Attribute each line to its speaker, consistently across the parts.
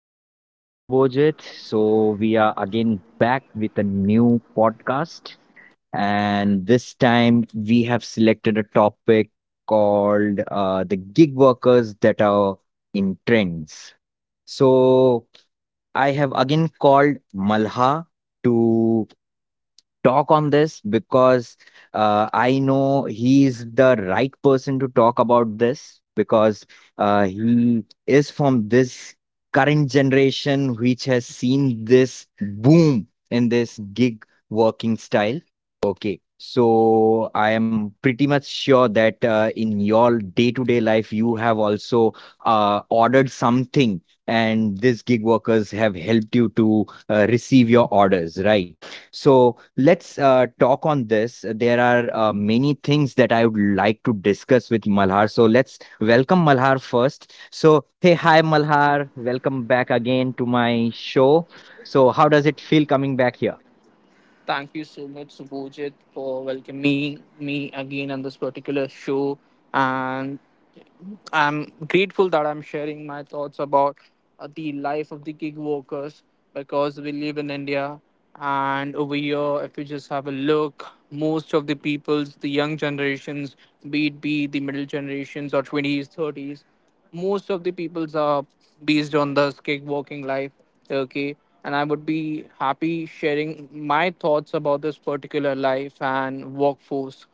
Speaker 1: Share with subojit. So we are again back with a new podcast and this time we have selected a topic called the gig workers that are in trends. So I have again called Malha to talk on this because I know he's the right person to talk about this because he is from this current generation which has seen this boom in this gig working style. Okay, so I am pretty much sure that in your day-to-day life you have also ordered something and these gig workers have helped you to receive your orders, right? So let's talk on this. There are many things that I would like to discuss with Malhar. So let's welcome Malhar first. So, hey, hi, Malhar. Welcome back again to my show. So, how does it feel coming back here?
Speaker 2: Thank you so much, Subojit, for welcoming me again on this particular show. And I'm grateful that I'm sharing my thoughts about the life of the gig workers because we live in India, and over here, if you just have a look, most of the peoples, the young generations, be it be the middle generations or 20s, 30s, most of the peoples are based on this gig working life. Okay. And I would be happy sharing my thoughts about this particular life and workforce.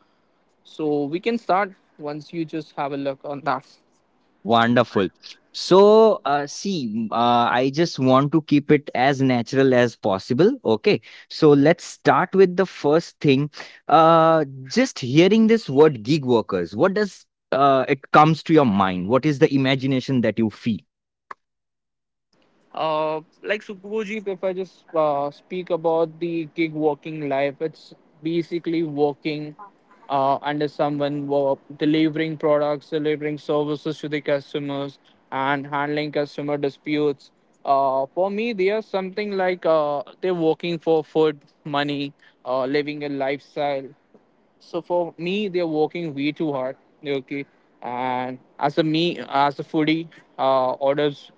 Speaker 2: So we can start once you just have a look on that.
Speaker 1: Wonderful. So, see, I just want to keep it as natural as possible. Okay. So, let's start with the first thing. Uh, just hearing this word gig workers, what does it comes to your mind? What is the imagination that you feel?
Speaker 2: Like Superbojit, if I just speak about the gig working life, it's basically working under someone, delivering products, delivering services to the customers, and handling customer disputes. For me, they are something like they're working for food, money, living a lifestyle. So for me, they're working way too hard. Okay, and as a me, as a foodie, orders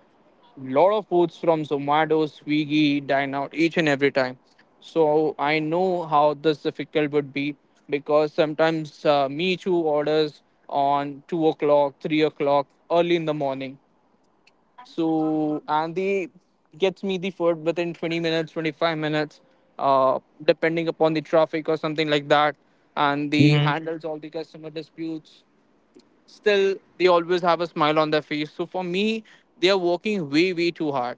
Speaker 2: lot of foods from Zomato, Swiggy, dine out each and every time. So I know how this difficult would be, because sometimes me too orders on 2 o'clock, 3 o'clock, early in the morning. So and they gets me the food within 20 minutes, 25 minutes, depending upon the traffic or something like that. And they handles all the customer disputes. Still, they always have a smile on their face. So for me, they are working way way too hard.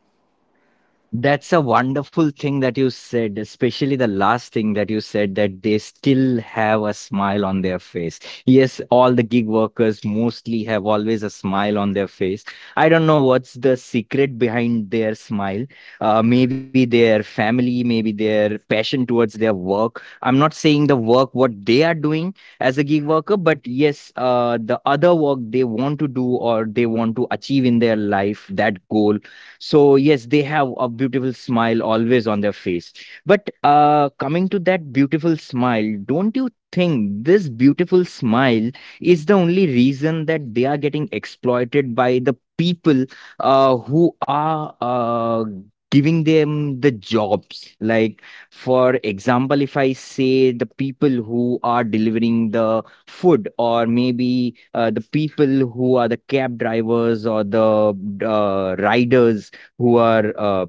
Speaker 1: That's a wonderful thing that you said, especially the last thing that you said that they still have a smile on their face. Yes, all the gig workers mostly have always a smile on their face. I don't know what's the secret behind their smile. Maybe their family, maybe their passion towards their work. I'm not saying the work what they are doing as a gig worker, but yes, the other work they want to do or they want to achieve in their life, that goal, so yes, they have a beautiful smile always on their face. But coming to that beautiful smile, don't you think this beautiful smile is the only reason that they are getting exploited by the people who are giving them the jobs? Like, for example, if I say the people who are delivering the food, or maybe the people who are the cab drivers or the riders who are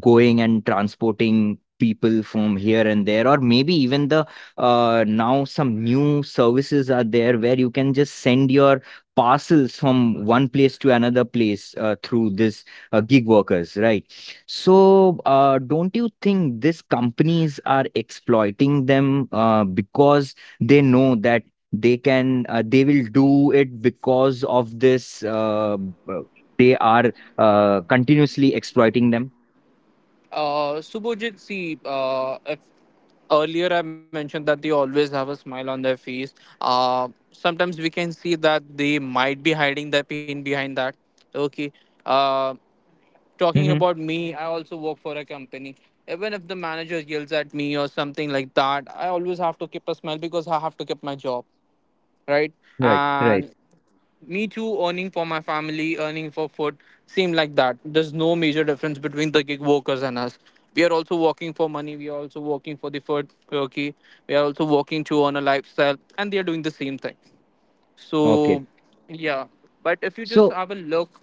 Speaker 1: going and transporting people from here and there, or maybe even the now some new services are there where you can just send your parcels from one place to another place through this gig workers, right? So don't you think these companies are exploiting them because they know that they can they will do it because of this b- they are continuously exploiting them.
Speaker 2: Subhojit, see, if earlier I mentioned that they always have a smile on their face, sometimes we can see that they might be hiding their pain behind that. Okay. Uh, Talking about me, I also work for a company. Even if the manager yells at me or something like that, I always have to keep a smile because I have to keep my job, right?
Speaker 1: Right, right.
Speaker 2: And me too earning for my family, earning for food. Seem like that there's no major difference between the gig workers and us. We are also working for money, we are also working for the food turkey, we are also working to earn a lifestyle, and they are doing the same thing.
Speaker 1: Okay.
Speaker 2: So, yeah. But if you just
Speaker 1: So,
Speaker 2: have a look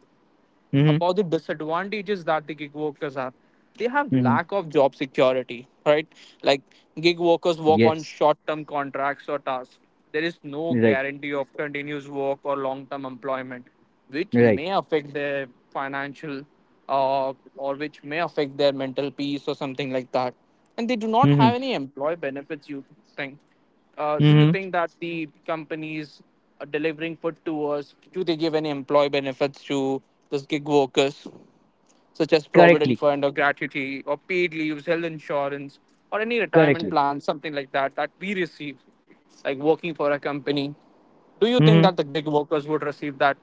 Speaker 1: mm-hmm,
Speaker 2: about the disadvantages that the gig workers have, they have
Speaker 1: mm-hmm,
Speaker 2: lack of job security, right? Like, gig workers work on
Speaker 1: yes,
Speaker 2: short term contracts or tasks. There is no
Speaker 1: right,
Speaker 2: guarantee of continuous work or long term employment, which
Speaker 1: right.
Speaker 2: may affect their financial or which may affect their mental peace or something like that. And they do not
Speaker 1: Mm-hmm,
Speaker 2: have any employee benefits. You think Do you
Speaker 1: mm-hmm.
Speaker 2: think that the companies are delivering food to us? Do they give any employee benefits to those gig workers, such as provident
Speaker 1: Correctly,
Speaker 2: fund or gratuity or paid leaves, health insurance, or any retirement
Speaker 1: correctly.
Speaker 2: plan, something like that that we receive, like working for a company? Do you think
Speaker 1: Mm-hmm.
Speaker 2: that the gig workers would receive that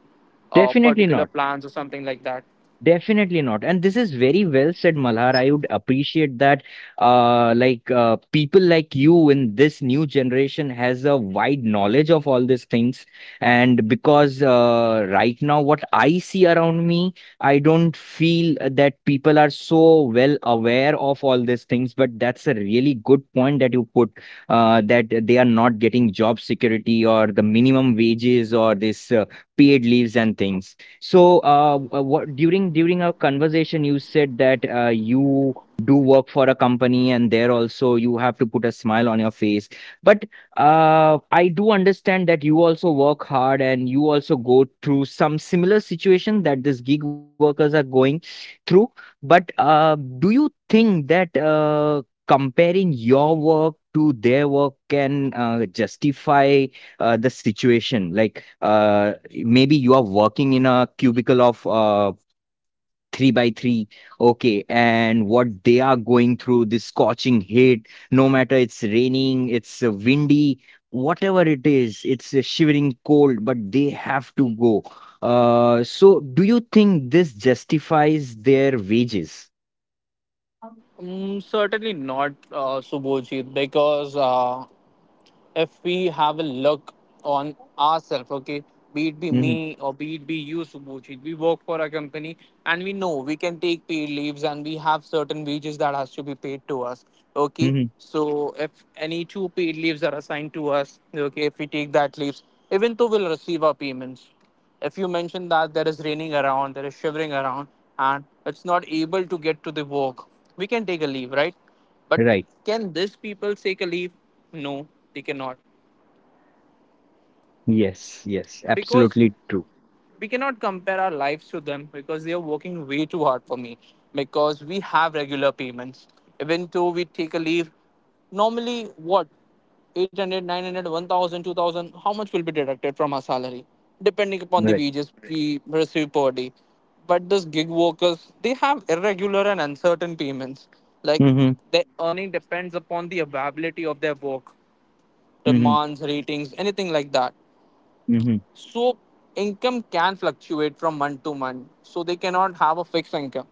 Speaker 1: Definitely
Speaker 2: particular
Speaker 1: not.
Speaker 2: plans or something like that?
Speaker 1: Definitely not. And this is very well said, Malhar. I would appreciate that people like you in this new generation has a wide knowledge of all these things. And because right now what I see around me, I don't feel that people are so well aware of all these things. But that's a really good point that you put, that they are not getting job security or the minimum wages or this paid leaves and things. So, what during our conversation, you said that you do work for a company, and there also you have to put a smile on your face. But I do understand that you also work hard, and you also go through some similar situation that these gig workers are going through. But do you think that comparing your work to their work can justify the situation? Like maybe you are working in a cubicle of 3 by 3, okay, and what they are going through, this scorching heat, no matter it's raining, it's windy, whatever it is, it's a shivering cold, but they have to go. So do you think this justifies their wages?
Speaker 2: Mm, certainly not, Subhojit, because if we have a look on ourselves, okay, be it be
Speaker 1: Hmm,
Speaker 2: me or be it be you, Subhujit, we work for a company, and we know we can take paid leaves and we have certain wages that has to be paid to us, okay.
Speaker 1: hmm,
Speaker 2: So if any two paid leaves are assigned to us, okay, if we take that leaves, even though we'll receive our payments. If you mention that there is raining around, there is shivering around, and it's not able to get to the work, we can take a leave, right? But
Speaker 1: right,
Speaker 2: can these people take a leave? No, they cannot.
Speaker 1: yes, yes,
Speaker 2: Because
Speaker 1: absolutely true,
Speaker 2: we cannot compare our lives to them, because they are working way too hard for me, because we have regular payments even though we take a leave. Normally what? 800, 900, 1,000, 2,000, how much will be deducted from our salary, depending upon the
Speaker 1: right,
Speaker 2: wages we receive per day. But these gig workers, they have irregular and uncertain payments. Like,
Speaker 1: hmm,
Speaker 2: their earning depends upon the availability of their work,
Speaker 1: hmm,
Speaker 2: demands, ratings, anything like that.
Speaker 1: hmm.
Speaker 2: So income can fluctuate from month to month. So they cannot have a fixed income.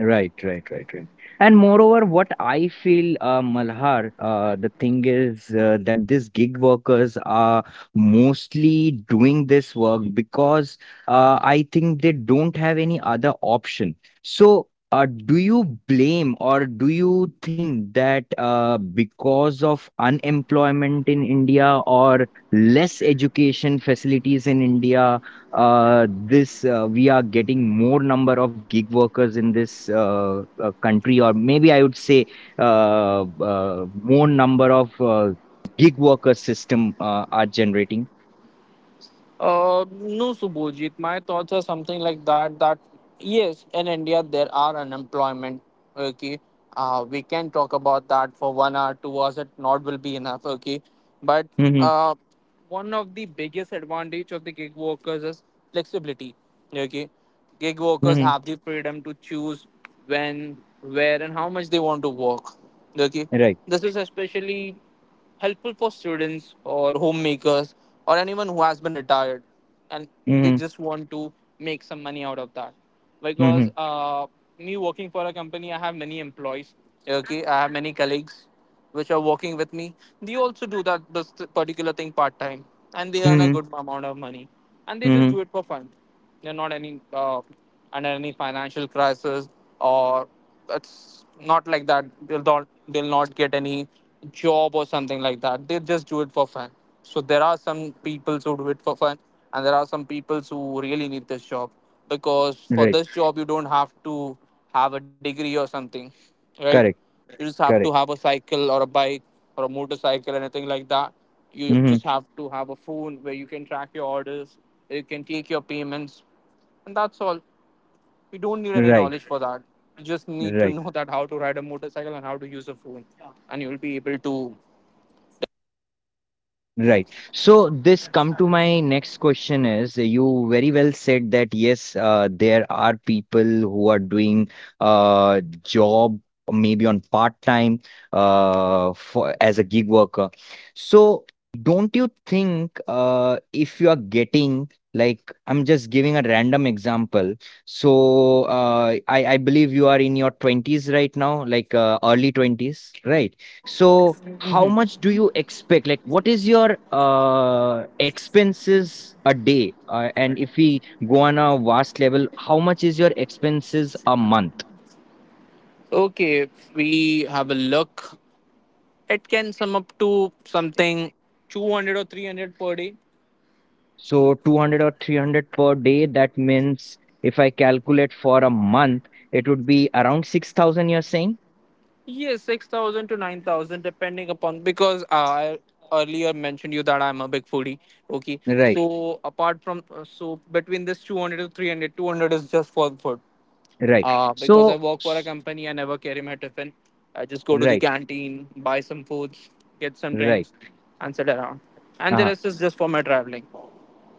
Speaker 1: Right, right, right, right. And moreover, what I feel, Malhar, the thing is that these gig workers are mostly doing this work because I think they don't have any other option. So, do you blame or do you think that because of unemployment in India or less education facilities in India, this we are getting more number of gig workers in this country, or maybe I would say more number of gig worker system are generating.
Speaker 2: No, Subhojit. My thoughts are something like that. That yes, in India there are unemployment. Okay, we can talk about that for 1 hour, 2 hours. It not will be enough. Okay, but
Speaker 1: Hmm,
Speaker 2: uh, one of the biggest advantage of the gig workers is flexibility. Okay, gig workers
Speaker 1: hmm,
Speaker 2: have the freedom to choose when, where, and how much they want to work. Okay,
Speaker 1: right,
Speaker 2: this is especially helpful for students or homemakers or anyone who has been retired and they
Speaker 1: hmm,
Speaker 2: just want to make some money out of that, because
Speaker 1: hmm,
Speaker 2: me working for a company, I have many employees, okay, I have many colleagues which are working with me. They also do that this particular thing part time, and they earn a
Speaker 1: hmm,
Speaker 2: good amount of money, and they just
Speaker 1: hmm,
Speaker 2: do it for fun. They're not any under any financial crisis, or it's not like that they'll not get any job or something like that. They just do it for fun. So there are some people who do it for fun, and there are some people who really need this job, because for
Speaker 1: right,
Speaker 2: this job you don't have to have a degree or something, right?
Speaker 1: correct,
Speaker 2: You just have to
Speaker 1: correct,
Speaker 2: have a cycle or a bike or a motorcycle, anything like that. You
Speaker 1: hmm,
Speaker 2: just have to have a phone where you can track your orders, where you can take your payments, and that's all. You don't need any
Speaker 1: right,
Speaker 2: knowledge for that. You just need to
Speaker 1: right.
Speaker 2: know that how to ride a motorcycle and how to use a phone, and you'll be able to.
Speaker 1: Right. So this come to my next question is, you very well said that yes, there are people who are doing job maybe on part time for as a gig worker. So don't you think, if you are getting like, I'm just giving a random example. So I believe you are in your 20s right now, like early 20s, right? So how much do you expect? Like, what is your expenses a day? And if we go on a vast level, how much is your expenses a month?
Speaker 2: Okay, if we have a look, it can sum up to something 200 or 300 per day.
Speaker 1: So 200 or 300 per day, that means if I calculate for a month, it would be around 6,000, you're saying?
Speaker 2: Yes, 6,000 to 9,000, depending upon, because I earlier mentioned you that I'm a big foodie. Okay,
Speaker 1: Right,
Speaker 2: so apart from so between this 200 to 300, 200 is just for food.
Speaker 1: right.
Speaker 2: Because I
Speaker 1: So,
Speaker 2: work for a company, I never carry my tiffin. I just go to the
Speaker 1: right,
Speaker 2: canteen, buy some foods, get some
Speaker 1: right.
Speaker 2: drinks, and sit around. And the
Speaker 1: Uh-huh.
Speaker 2: rest is just for my traveling.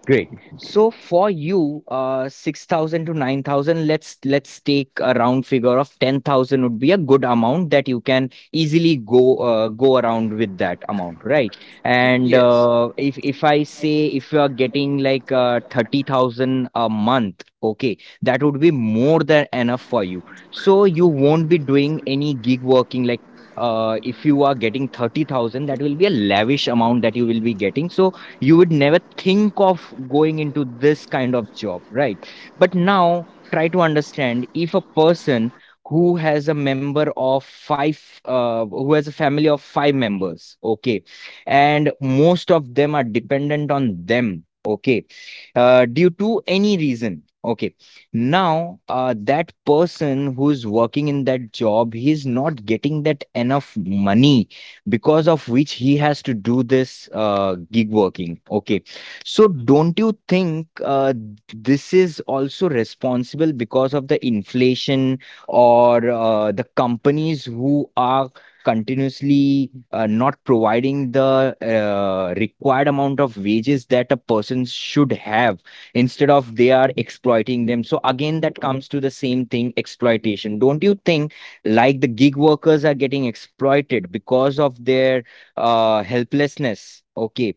Speaker 1: Great. So for you, 6,000 to 9,000, let's take a round figure of 10,000 would be a good amount that you can easily go go around with that amount, right? And
Speaker 2: Yes.
Speaker 1: if I say if you are getting like 30,000 a month, okay, that would be more than enough for you. So you won't be doing any gig working. Like if you are getting 30,000, that will be a lavish amount that you will be getting. So you would never think of going into this kind of job, right? But now try to understand if a person who has a member of 5, who has a family of 5 members, okay, and most of them are dependent on them, okay, due to any reason, okay, now that person who's working in that job, he is not getting that enough money, because of which he has to do this gig working. Okay. So don't you think this is also responsible because of the inflation, or the companies who are continuously not providing the required amount of wages that a person should have, instead of they are exploiting them? So again that comes to the same thing, exploitation. Don't you think like the gig workers are getting exploited because of their helplessness. Okay.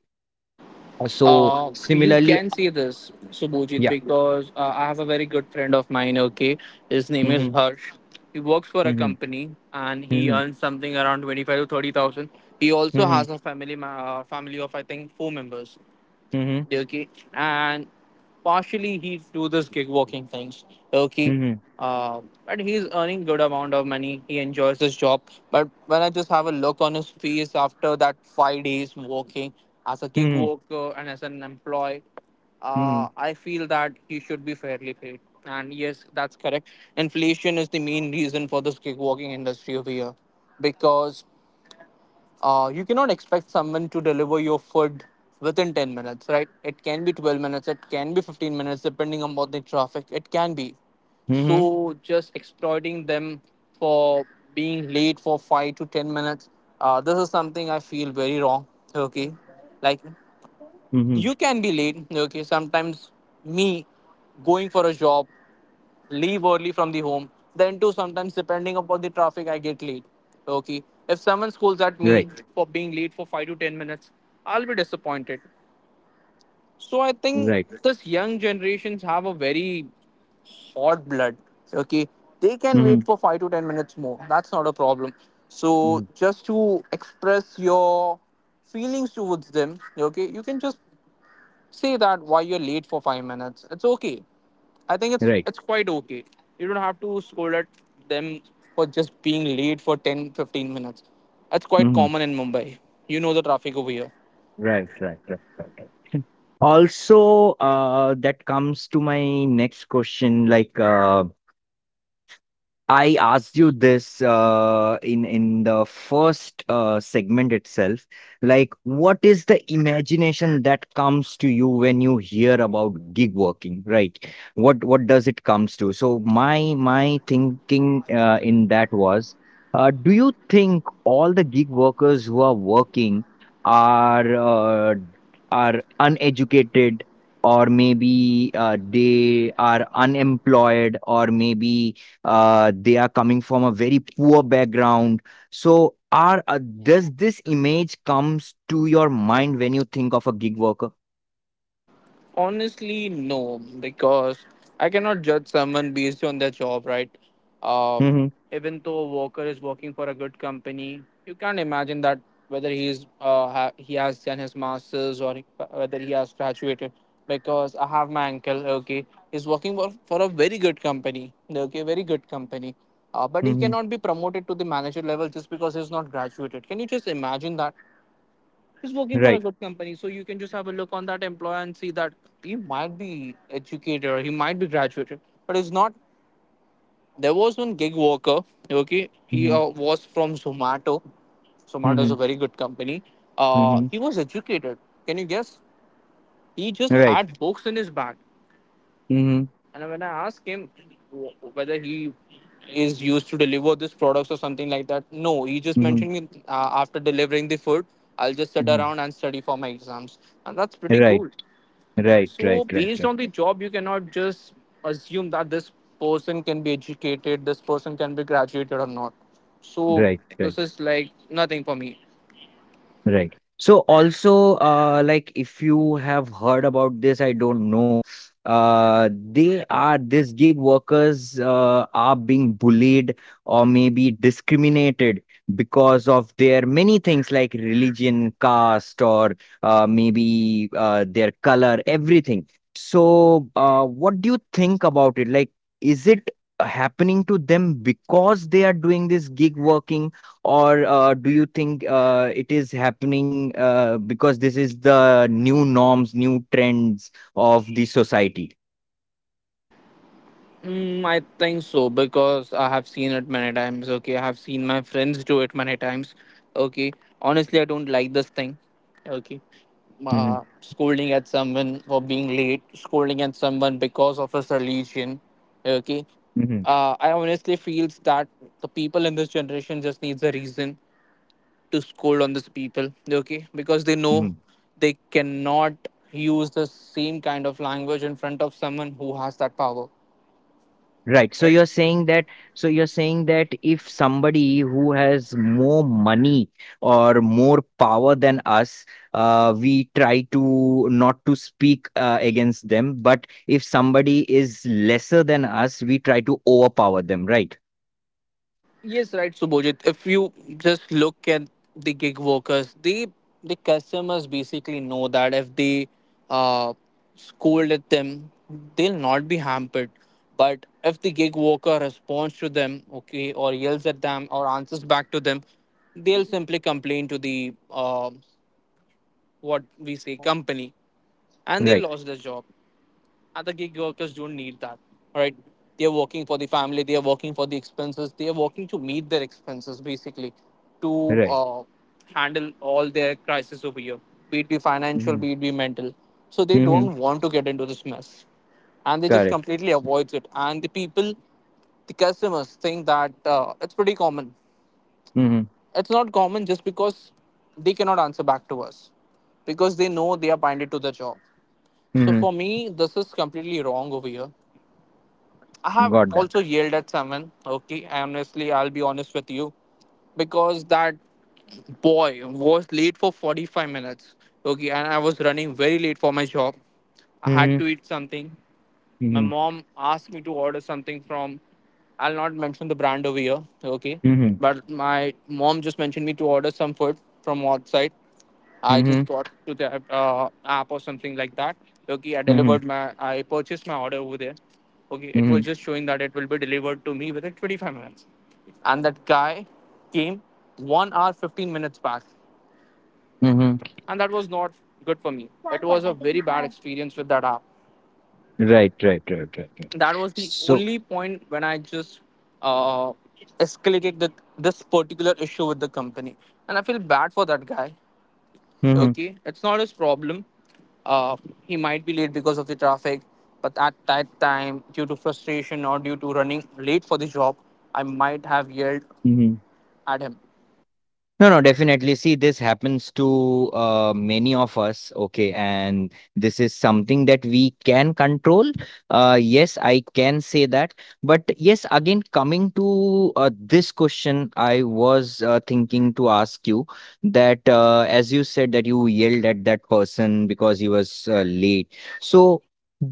Speaker 1: So
Speaker 2: You
Speaker 1: similarly,
Speaker 2: can see this, Subhojit,
Speaker 1: yeah.
Speaker 2: because I have a very good friend of mine. Okay, his name is
Speaker 1: Mhm,
Speaker 2: Harsh. He works for a
Speaker 1: mhm,
Speaker 2: company and he
Speaker 1: mhm,
Speaker 2: earns something around 25 to 30,000. He also
Speaker 1: mhm,
Speaker 2: has a family, family of I think four members.
Speaker 1: mhm,
Speaker 2: Okay, and partially he do this gig working things. Okay,
Speaker 1: mhm,
Speaker 2: uh, but he's earning good amount of money. He enjoys his job. But when I just have a look on his face after that 5 days working as a gig
Speaker 1: mhm,
Speaker 2: worker and as an employee,
Speaker 1: mhm,
Speaker 2: I feel that he should be fairly paid. And yes, that's correct. Inflation is the main reason for this kickboxing industry over here, because you cannot expect someone to deliver your food within 10 minutes, right? It can be 12 minutes, it can be 15 minutes, depending upon the traffic. It can be.
Speaker 1: mhm,
Speaker 2: So just exploiting them for being late for 5 to 10 minutes, this is something I feel very wrong. Okay, like,
Speaker 1: mhm.
Speaker 2: you can be late, okay, sometimes me going for a job leave early from the home, then too sometimes depending upon the traffic I get late. Okay, if someone scolds at me
Speaker 1: Right.
Speaker 2: for being late for 5 to 10 minutes, I'll be disappointed. So I think
Speaker 1: Right.
Speaker 2: this young generations have a very hot blood, okay. They can wait
Speaker 1: Mhm,
Speaker 2: for 5 to 10 minutes more, that's not a problem. So
Speaker 1: mhm,
Speaker 2: just to express your feelings towards them, okay, you can just say that why you're late for 5 minutes. It's okay. I think it's
Speaker 1: right,
Speaker 2: it's quite okay. You don't have to scold at them for just being late for 10 15 minutes. That's quite
Speaker 1: mhm,
Speaker 2: common in Mumbai. You know the traffic over here.
Speaker 1: right. Right. Right. Right. Right. Also, that comes to my next question. Like, I asked you this in the first segment itself. Like, what is the imagination that comes to you when you hear about gig working, right? What does it comes to? So my thinking in that was, do you think all the gig workers who are working are uh, are uneducated, or maybe they are unemployed, or maybe they are coming from a very poor background? So are does this image comes to your mind when you think of a gig worker?
Speaker 2: Honestly, no, because I cannot judge someone based on their job, right? Uh,
Speaker 1: Mm-hmm.
Speaker 2: Even though a worker is working for a good company, you can't imagine that whether he has done his masters or whether he has graduated. Because I have my uncle, okay, he's working for a very good company, okay, very good company. But he
Speaker 1: Mm-hmm.
Speaker 2: cannot be promoted to the manager level just because he's not graduated. Can you just imagine that? He's working for a
Speaker 1: Right.
Speaker 2: good company, so you can just have a look on that employer and see that he might be educated or he might be graduated, but he's not. There was one gig worker. Okay, he
Speaker 1: Mm-hmm.
Speaker 2: was from Zomato. Zomato is
Speaker 1: Mm-hmm.
Speaker 2: a very good company.
Speaker 1: Mm-hmm.
Speaker 2: He was educated. Can you guess? He just
Speaker 1: Right.
Speaker 2: had books in his bag,
Speaker 1: Mm-hmm.
Speaker 2: and when I asked him whether he is used to deliver this products or something like that. No, he just
Speaker 1: Mm-hmm.
Speaker 2: mentioned me after delivering the food, I'll just sit around and study for my exams, and that's pretty
Speaker 1: Right.
Speaker 2: cool.
Speaker 1: Right.
Speaker 2: So,
Speaker 1: Right. Right.
Speaker 2: based
Speaker 1: Right.
Speaker 2: on the job, you cannot just assume that this person can be educated, this person can be graduated or not. So,
Speaker 1: Right. Right.
Speaker 2: this is like nothing for me.
Speaker 1: Right. So also, like if you have heard about this, I don't know. They are these gig workers are being bullied or maybe discriminated because of their many things like religion, caste, or maybe their color, everything. So, what do you think about it? Like, is it happening to them because they are doing this gig working? Or do you think it is happening because this is the new norms, new trends of the society?
Speaker 2: Mm, I think so because I have seen it many times. Okay, I have seen my friends do it many times. Okay, honestly, I don't like this thing. Okay,
Speaker 1: Mhm,
Speaker 2: scolding at someone for being late, scolding at someone because of his religion. Okay,
Speaker 1: mhm,
Speaker 2: I honestly feels that the people in this generation just needs a reason to scold on these people. Okay, because they know
Speaker 1: mhm.
Speaker 2: they cannot use the same kind of language in front of someone who has that power.
Speaker 1: Right. So
Speaker 2: Right.
Speaker 1: you're saying that. So you're saying that if somebody who has more money or more power than us, we try to not to speak against them. But if somebody is lesser than us, we try to overpower them. Right.
Speaker 2: Yes, right, Subhojit. If you just look at the gig workers, the customers basically know that if they uh, scold at them, they'll not be hampered. But if the gig worker responds to them, okay, or yells at them, or answers back to them, they'll simply complain to the what we say company, and they'll
Speaker 1: Right.
Speaker 2: lose their job. Other gig workers don't need that. All right, they're working for the family, they're working for the expenses, they're working to meet their expenses basically to
Speaker 1: Right.
Speaker 2: handle all their crisis over here, be it be financial, be it be mental. So they
Speaker 1: Mm-hmm.
Speaker 2: don't want to get into this mess and they just
Speaker 1: Correct.
Speaker 2: completely avoid it. And the people, the customers, think that it's pretty common. It's not common, just because they cannot answer back to us, because they know they are binded to the job. So
Speaker 1: Mhm.
Speaker 2: for me, this is completely wrong over here. I have
Speaker 1: Got that.
Speaker 2: also yelled at someone. Okay, honestly, I'll be honest with you, because that boy was late for 45 minutes. Okay, and I was running very late for my job. I had
Speaker 1: Mhm.
Speaker 2: to eat something. My
Speaker 1: Mhm.
Speaker 2: mom asked me to order something from, I'll not mention the brand over here, okay?
Speaker 1: Mhm.
Speaker 2: But my mom just mentioned me to order some food from outside. I just
Speaker 1: Mhm.
Speaker 2: got to the app or something like that. Okay,
Speaker 1: Mhm.
Speaker 2: I purchased my order over there. Okay, it was
Speaker 1: Mhm.
Speaker 2: just showing that it will be delivered to me within 25 minutes. And that guy came 1 hour 15 minutes back,
Speaker 1: Mhm.
Speaker 2: and that was not good for me. It was a very bad experience with that app.
Speaker 1: Right, right, right, right, right.
Speaker 2: That was the
Speaker 1: So,
Speaker 2: only point when I just uh, escalated that this particular issue with the company, and I feel bad for that guy.
Speaker 1: mhm.
Speaker 2: Okay, it's not his problem. Uh, he might be late because of the traffic, but at that time, due to frustration or due to running late for the job, I might have yelled
Speaker 1: Mhm.
Speaker 2: at him.
Speaker 1: No, no, definitely. See, this happens to many of us, okay, and this is something that we can control. Yes, I can say that. But yes, again, coming to this question, I was thinking to ask you that as you said that you yelled at that person because he was late. So,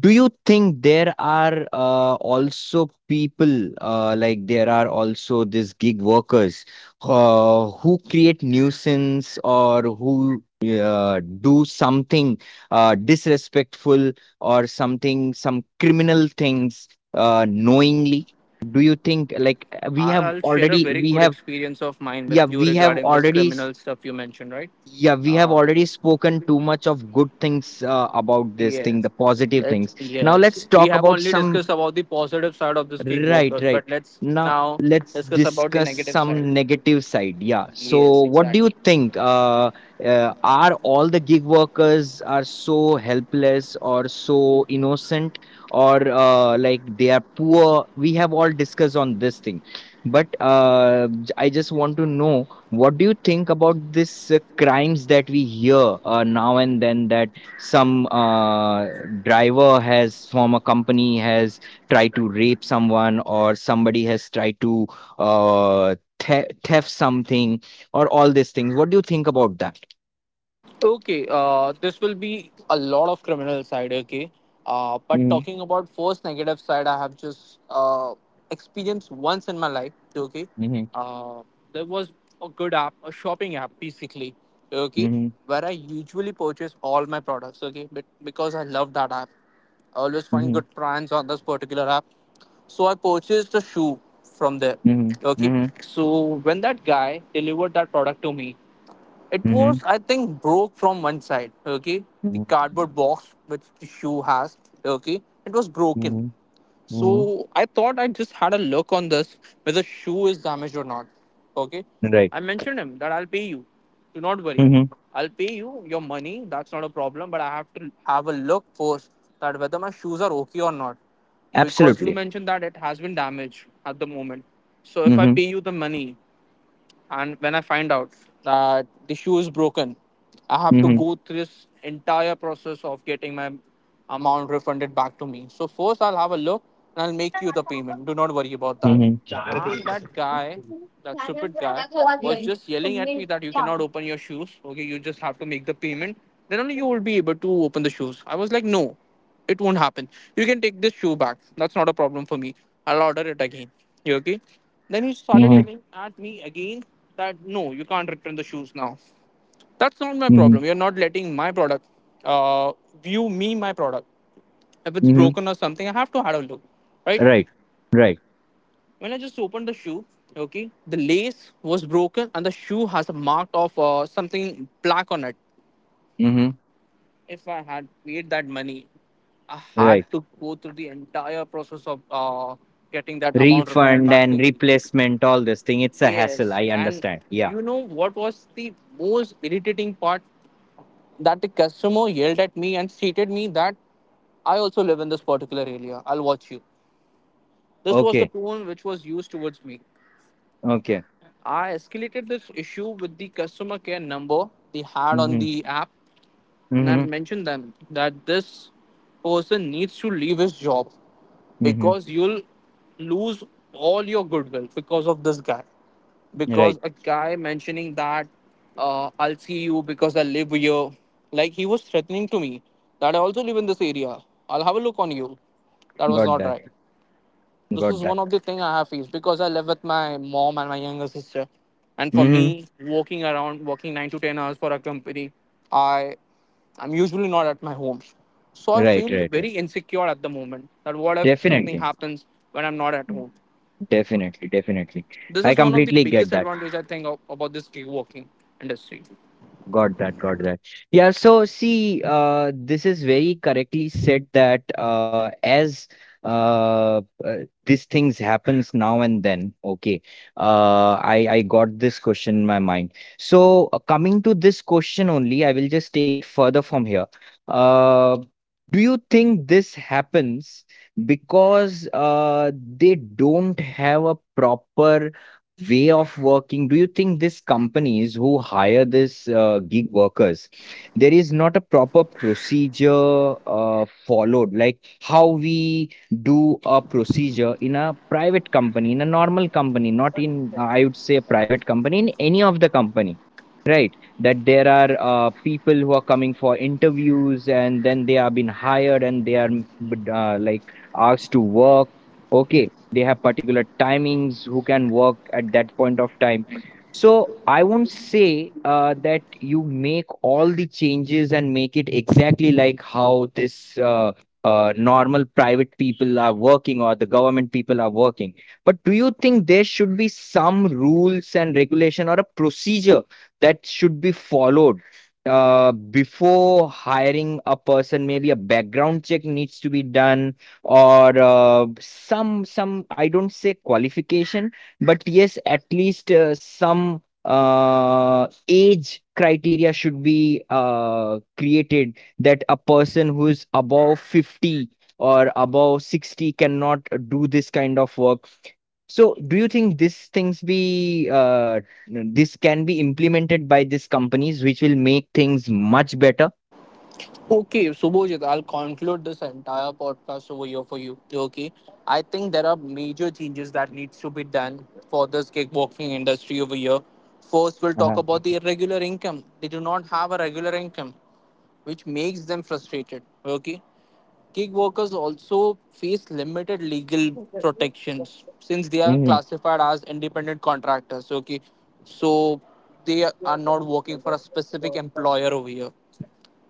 Speaker 1: do you think there are also people like there are also these gig workers? Who create nuisance or who do something disrespectful or something, some criminal things, knowingly. Do you think like we have
Speaker 2: I'll share a
Speaker 1: already
Speaker 2: very
Speaker 1: we
Speaker 2: good
Speaker 1: have
Speaker 2: experience of mine with
Speaker 1: yeah,
Speaker 2: you
Speaker 1: we have
Speaker 2: regarding this
Speaker 1: already s-
Speaker 2: criminal stuff you mentioned, right?
Speaker 1: yeah, we have
Speaker 2: Uh,
Speaker 1: already spoken too much of good things about this thing, the
Speaker 2: Yes.
Speaker 1: positive
Speaker 2: Let's
Speaker 1: things. Now
Speaker 2: yes.
Speaker 1: let's
Speaker 2: We
Speaker 1: talk
Speaker 2: have
Speaker 1: about
Speaker 2: only
Speaker 1: some.
Speaker 2: discussed about the positive side of this
Speaker 1: Right,
Speaker 2: kickboxers,
Speaker 1: right.
Speaker 2: but let's
Speaker 1: Now
Speaker 2: now
Speaker 1: let's
Speaker 2: discuss about the
Speaker 1: discuss
Speaker 2: negative side.
Speaker 1: some negative side. Yeah. So
Speaker 2: Yes,
Speaker 1: what do you
Speaker 2: exactly.
Speaker 1: think? Are all the gig workers are so helpless or so innocent or like they are poor? We have all discussed on this thing, but I just want to know what do you think about this crimes that we hear now and then, that some driver has, from a company, has tried to rape someone, or somebody has tried to theft something or all these things. What do you think about that?
Speaker 2: Okay, this will be a lot of criminal side, okay. But
Speaker 1: Mhm,
Speaker 2: talking about first negative side, I have just experienced once in my life, okay.
Speaker 1: mhm,
Speaker 2: Uh there was a good app, a shopping app basically, okay,
Speaker 1: mhm,
Speaker 2: where I usually purchase all my products, okay, but because I love that app, always find
Speaker 1: mhm,
Speaker 2: good brands on this particular app. So I purchased a shoe from there.
Speaker 1: mhm,
Speaker 2: Okay.
Speaker 1: mhm,
Speaker 2: So when that guy delivered that product to me, it
Speaker 1: mhm,
Speaker 2: was I think broke from one side. Okay. The
Speaker 1: mhm,
Speaker 2: cardboard box which the shoe has. Okay. It was broken.
Speaker 1: mhm, mhm.
Speaker 2: So I thought I just had a look on this whether shoe is damaged or not. Okay.
Speaker 1: Right.
Speaker 2: I mentioned him that I'll pay you. Do not worry.
Speaker 1: Hmm.
Speaker 2: I'll pay you your money. That's not a problem. But I have to have a look first that whether my shoes are okay or not. Because you
Speaker 1: Absolutely.
Speaker 2: mentioned that it has been damaged at the moment. So if I
Speaker 1: Hmm.
Speaker 2: pay you the money, and when I find out that the shoe is broken, I have to
Speaker 1: Hmm.
Speaker 2: go through this entire process of getting my amount refunded back to me. So first I'll have a look and I'll make you the payment. Do not worry about that.
Speaker 1: Hmm.
Speaker 2: And that guy, that stupid guy, was just yelling at me that you cannot open your shoes. Okay, you just have to make the payment. Then only you will be able to open the shoes. I was like, no, it won't happen. You can take this shoe back. That's not a problem for me. I'll order it again. You okay? Then he started
Speaker 1: Hmm.
Speaker 2: yelling at me again that no, you can't return the shoes now. That's not my
Speaker 1: Hmm.
Speaker 2: problem. You're not letting my product uh, view me my product. If it's
Speaker 1: Hmm.
Speaker 2: broken or something, I have to have a look, right?
Speaker 1: Right. Right.
Speaker 2: When I just opened the shoe, okay, the lace was broken and the shoe has a mark of something black on it.
Speaker 1: Hmm.
Speaker 2: If I had paid that money, I had
Speaker 1: Right.
Speaker 2: to go through the entire process of getting that amount refunded
Speaker 1: Refund
Speaker 2: back to
Speaker 1: and
Speaker 2: me.
Speaker 1: replacement, all this thing. It's a hassle.
Speaker 2: Yes,
Speaker 1: I
Speaker 2: and
Speaker 1: understand. Yeah.
Speaker 2: you know what was the most irritating part? That the customer yelled at me and stated me that I also live in this particular area. I'll watch you. This was the
Speaker 1: Okay.
Speaker 2: tone which was used towards me.
Speaker 1: Okay.
Speaker 2: I escalated this issue with the customer care number they had on
Speaker 1: Hmm.
Speaker 2: the app, and I've
Speaker 1: Hmm.
Speaker 2: mentioned them that this person needs to leave his job,
Speaker 1: Hmm.
Speaker 2: because you'll lose all your goodwill because of this guy.
Speaker 1: Right.
Speaker 2: Because a guy mentioning that I'll see you because I live here, like he was threatening to me that I also live in this area. I'll have a look on you. That was
Speaker 1: Got
Speaker 2: not
Speaker 1: that.
Speaker 2: right. This
Speaker 1: Got
Speaker 2: is
Speaker 1: that.
Speaker 2: one of the thing I have faced because I live with my mom and my younger sister, and for
Speaker 1: Mm-hmm.
Speaker 2: me, working 9 to 10 hours for a company, I I'm usually not at my home. So I
Speaker 1: Right,
Speaker 2: feel
Speaker 1: right,
Speaker 2: very
Speaker 1: right.
Speaker 2: insecure at the moment that what if something
Speaker 1: Definitely.
Speaker 2: happens when I'm not at home.
Speaker 1: Definitely. Definitely.
Speaker 2: This
Speaker 1: I
Speaker 2: is one of the
Speaker 1: completely get
Speaker 2: biggest
Speaker 1: that.
Speaker 2: advantage I think of, about this gig working industry.
Speaker 1: Got that, got that. Yeah, so see, this is very correctly said that, as uh, uh, these things happens now and then, okay, I got this question in my mind. So coming to this question only, I will just take it further from here. Uh, do you think this happens because they don't have a proper way of working? Do you think these companies who hire this gig workers, there is not a proper procedure followed, like how we do a procedure in a private company, in a normal company, not in I would say a private company, in any of the company, right? That there are people who are coming for interviews and then they are being hired, and they are like asked to work, okay? They have particular timings who can work at that point of time. So I won't say that you make all the changes and make it exactly like how this normal private people are working or the government people are working. But do you think there should be some rules and regulation or a procedure that should be followed, uh, before hiring a person, maybe a background check needs to be done, or some I don't say qualification, but yes, at least some age criteria should be created, that a person who is above 50 or above 60 cannot do this kind of work. So, do you think these things be this can be implemented by these companies, which will make things much better?
Speaker 2: Okay, Subhojit, I'll conclude this entire podcast over here for you. Okay, I think there are major changes that needs to be done for this kickboxing industry over here. First, we'll talk
Speaker 1: Uh-huh.
Speaker 2: about the irregular income. They do not have a regular income, which makes them frustrated. Okay, gig workers also face limited legal protections since they are
Speaker 1: Mhm.
Speaker 2: classified as independent contractors. Okay, so they are not working for a specific employer over here.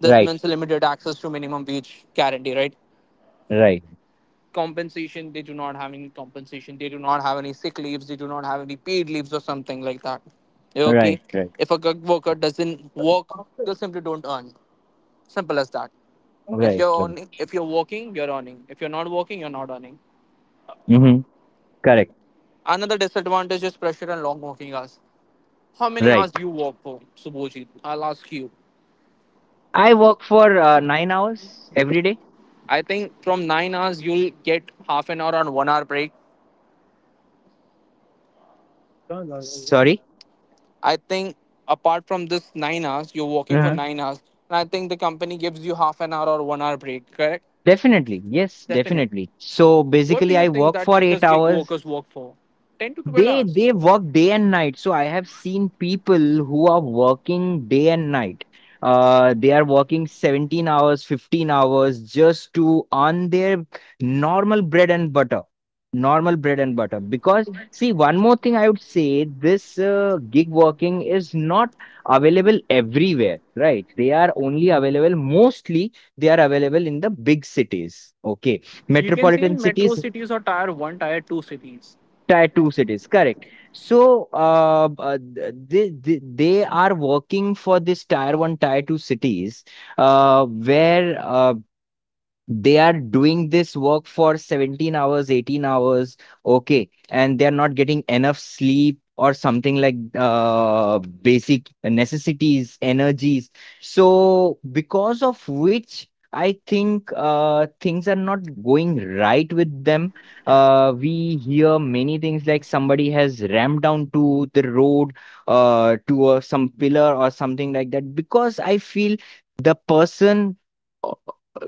Speaker 2: This
Speaker 1: Right,
Speaker 2: means limited access to minimum wage guarantee, right?
Speaker 1: right,
Speaker 2: Compensation, they do not have any compensation. They do not have any sick leaves. They do not have any paid leaves or something like that.
Speaker 1: right,
Speaker 2: Okay.
Speaker 1: right,
Speaker 2: If a gig worker doesn't work, they simply don't earn. Simple as that. If
Speaker 1: right,
Speaker 2: you're
Speaker 1: right.
Speaker 2: earning, if you're working, you're earning. If you're not working, you're not earning.
Speaker 1: Mhm. Correct.
Speaker 2: Another disadvantage is pressure and long working hours. How many
Speaker 1: Right.
Speaker 2: hours do you work for, Subhojit? I'll ask you.
Speaker 1: I work for 9 hours every day.
Speaker 2: I think from 9 hours you'll get half an hour and 1 hour break.
Speaker 1: Sorry.
Speaker 2: I think apart from this 9 hours, you're working for
Speaker 1: Uh-huh.
Speaker 2: 9 hours, and I think the company gives you half an hour or 1 hour break, correct?
Speaker 1: Definitely. Yes,
Speaker 2: Definitely.
Speaker 1: definitely. So
Speaker 2: What do
Speaker 1: basically,
Speaker 2: you
Speaker 1: I
Speaker 2: think
Speaker 1: work
Speaker 2: that
Speaker 1: for eight
Speaker 2: this gig
Speaker 1: hours
Speaker 2: workers work for? 10 to 12 hours.
Speaker 1: They work day and night. So I have seen people who are working day and night. They are working 17 hours, 15 hours just to earn their normal bread and butter. Normal bread and butter. Because, see, one more thing I would say, this gig working is not available everywhere, right? They are only available, mostly they are available in the big cities, okay?
Speaker 2: You can see
Speaker 1: Metropolitan
Speaker 2: in metro
Speaker 1: cities,
Speaker 2: cities or tier 1, tier 2 cities.
Speaker 1: Tier 2 cities, correct. So, they are working for this tier 1, tier 2 cities, where they are doing this work for 17 hours, 18 hours, okay, and they are not getting enough sleep or something like basic necessities, energies. So because of which, I think things are not going right with them. We hear many things like somebody has rammed down to the road, to some pillar or something like that, because I feel the person,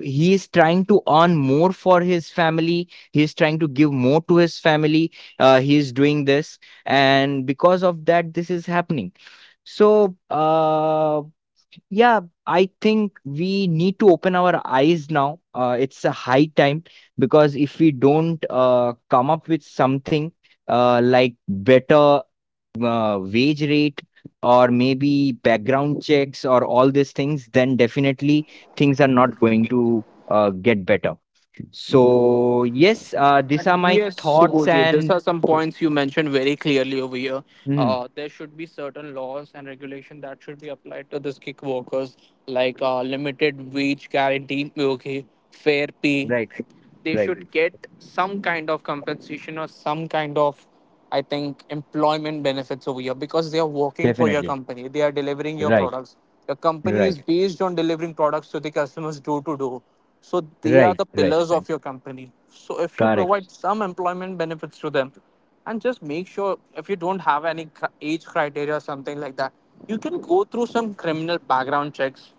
Speaker 1: he is trying to earn more for his family, he is trying to give more to his family, he is doing this, and because of that, this is happening. So yeah, I think we need to open our eyes now, it's a high time, because if we don't come up with something like better wage rate, or maybe background checks or all these things, then definitely things are not going to get better. So yes, these are my
Speaker 2: Yes,
Speaker 1: thoughts
Speaker 2: Subhoji, these
Speaker 1: and
Speaker 2: are some points you mentioned very clearly over here.
Speaker 1: Mhm,
Speaker 2: There should be certain laws and regulation that should be applied to the gig workers, like limited wage guarantee, okay, fair pay.
Speaker 1: right,
Speaker 2: They
Speaker 1: right,
Speaker 2: should get some kind of compensation or some kind of, I think, employment benefits over here because they are working for your
Speaker 1: definitely,
Speaker 2: company. They are delivering your
Speaker 1: right,
Speaker 2: products. Your company
Speaker 1: right,
Speaker 2: is based on delivering products to the customers door to door. So they are
Speaker 1: right,
Speaker 2: the
Speaker 1: right,
Speaker 2: pillars
Speaker 1: right,
Speaker 2: of your company. So if you
Speaker 1: correct,
Speaker 2: provide some employment benefits to them, and just make sure if you don't have any age criteria or something like that, you can go through some criminal background checks.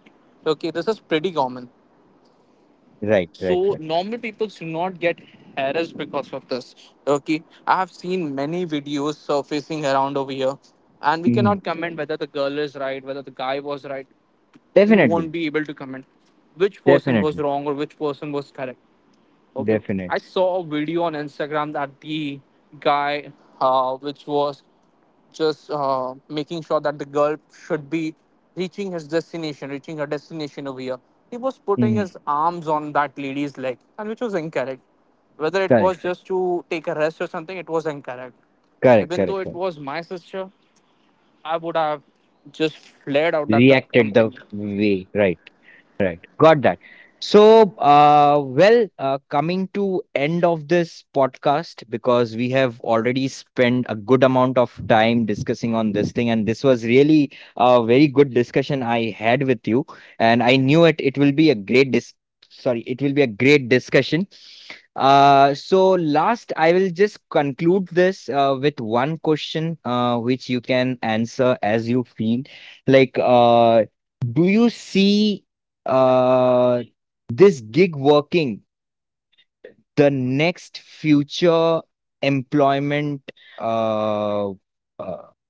Speaker 2: Okay, this is pretty common,
Speaker 1: right, right,
Speaker 2: so
Speaker 1: right,
Speaker 2: normal people should not get harassed because of this. Okay, I have seen many videos surfacing around over here, and we
Speaker 1: Mhm,
Speaker 2: cannot comment whether the girl is right, whether the guy was right. We
Speaker 1: definitely,
Speaker 2: won't be able to comment which person was
Speaker 1: definitely,
Speaker 2: wrong or which person was correct. Okay,
Speaker 1: definitely,
Speaker 2: I saw a video on Instagram that the guy, which was just making sure that the girl should be reaching her destination over here. He was putting
Speaker 1: Mhm,
Speaker 2: his arms on that lady's leg, and which was incorrect. Whether it
Speaker 1: correct,
Speaker 2: was just to take a rest or something, it was incorrect.
Speaker 1: correct,
Speaker 2: Even
Speaker 1: correct,
Speaker 2: though it
Speaker 1: correct.
Speaker 2: was my sister, I would have just flared out at the
Speaker 1: Reacted the
Speaker 2: company.
Speaker 1: way, right, right, got that. So well, coming to end of this podcast, because we have already spent a good amount of time discussing on this thing, and this was really a very good discussion I had with you, and I knew it, it will be a great sorry, it will be a great discussion. So last, I will just conclude this with one question which you can answer as you feel like, do you see uh, this gig working the next future employment uh, uh,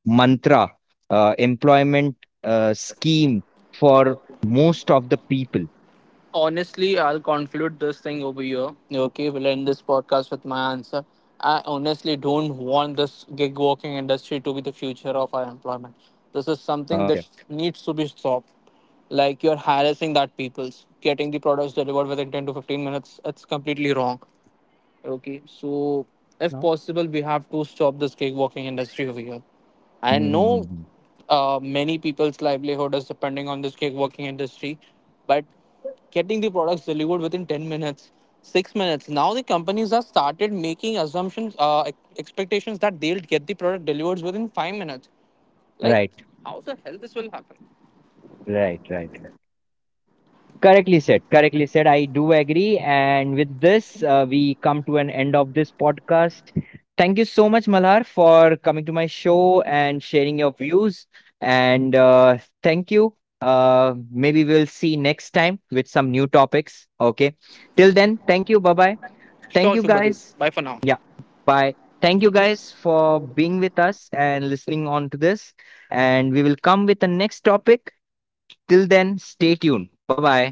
Speaker 1: mantra, employment scheme for most of the people?
Speaker 2: Honestly, I'll conclude this thing over here. Okay, we'll end this podcast with my answer. I honestly don't want this gig working industry to be the future of our employment. This is something that
Speaker 1: Okay.
Speaker 2: needs to be stopped. Like you're harassing that people's getting the products delivered within 10 to 15 minutes, it's completely wrong. Okay, so if
Speaker 1: No?
Speaker 2: possible, we have to stop this cakewalking industry over here. I
Speaker 1: Mhm. Mhm,
Speaker 2: know
Speaker 1: mhm.
Speaker 2: many people's livelihood is depending on this cakewalking industry, but getting the products delivered within 10 minutes, 6 minutes. Now the companies have started making assumptions, expectations that they'll get the product delivered within 5 minutes. Like,
Speaker 1: Right,
Speaker 2: how the hell this will happen?
Speaker 1: right, right. Correctly said. Correctly said. I do agree. And with this, we come to an end of this podcast. Thank you so much, Malhar, for coming to my show and sharing your views. And thank you. Maybe we'll see next time with some new topics. Okay. Till then, thank you. Bye bye. Thank
Speaker 2: Sure,
Speaker 1: you,
Speaker 2: Shubhadeep.
Speaker 1: guys.
Speaker 2: Bye for now.
Speaker 1: Yeah. Bye. Thank you guys for being with us and listening on to this. And we will come with the next topic. Till then, stay tuned. Bye bye.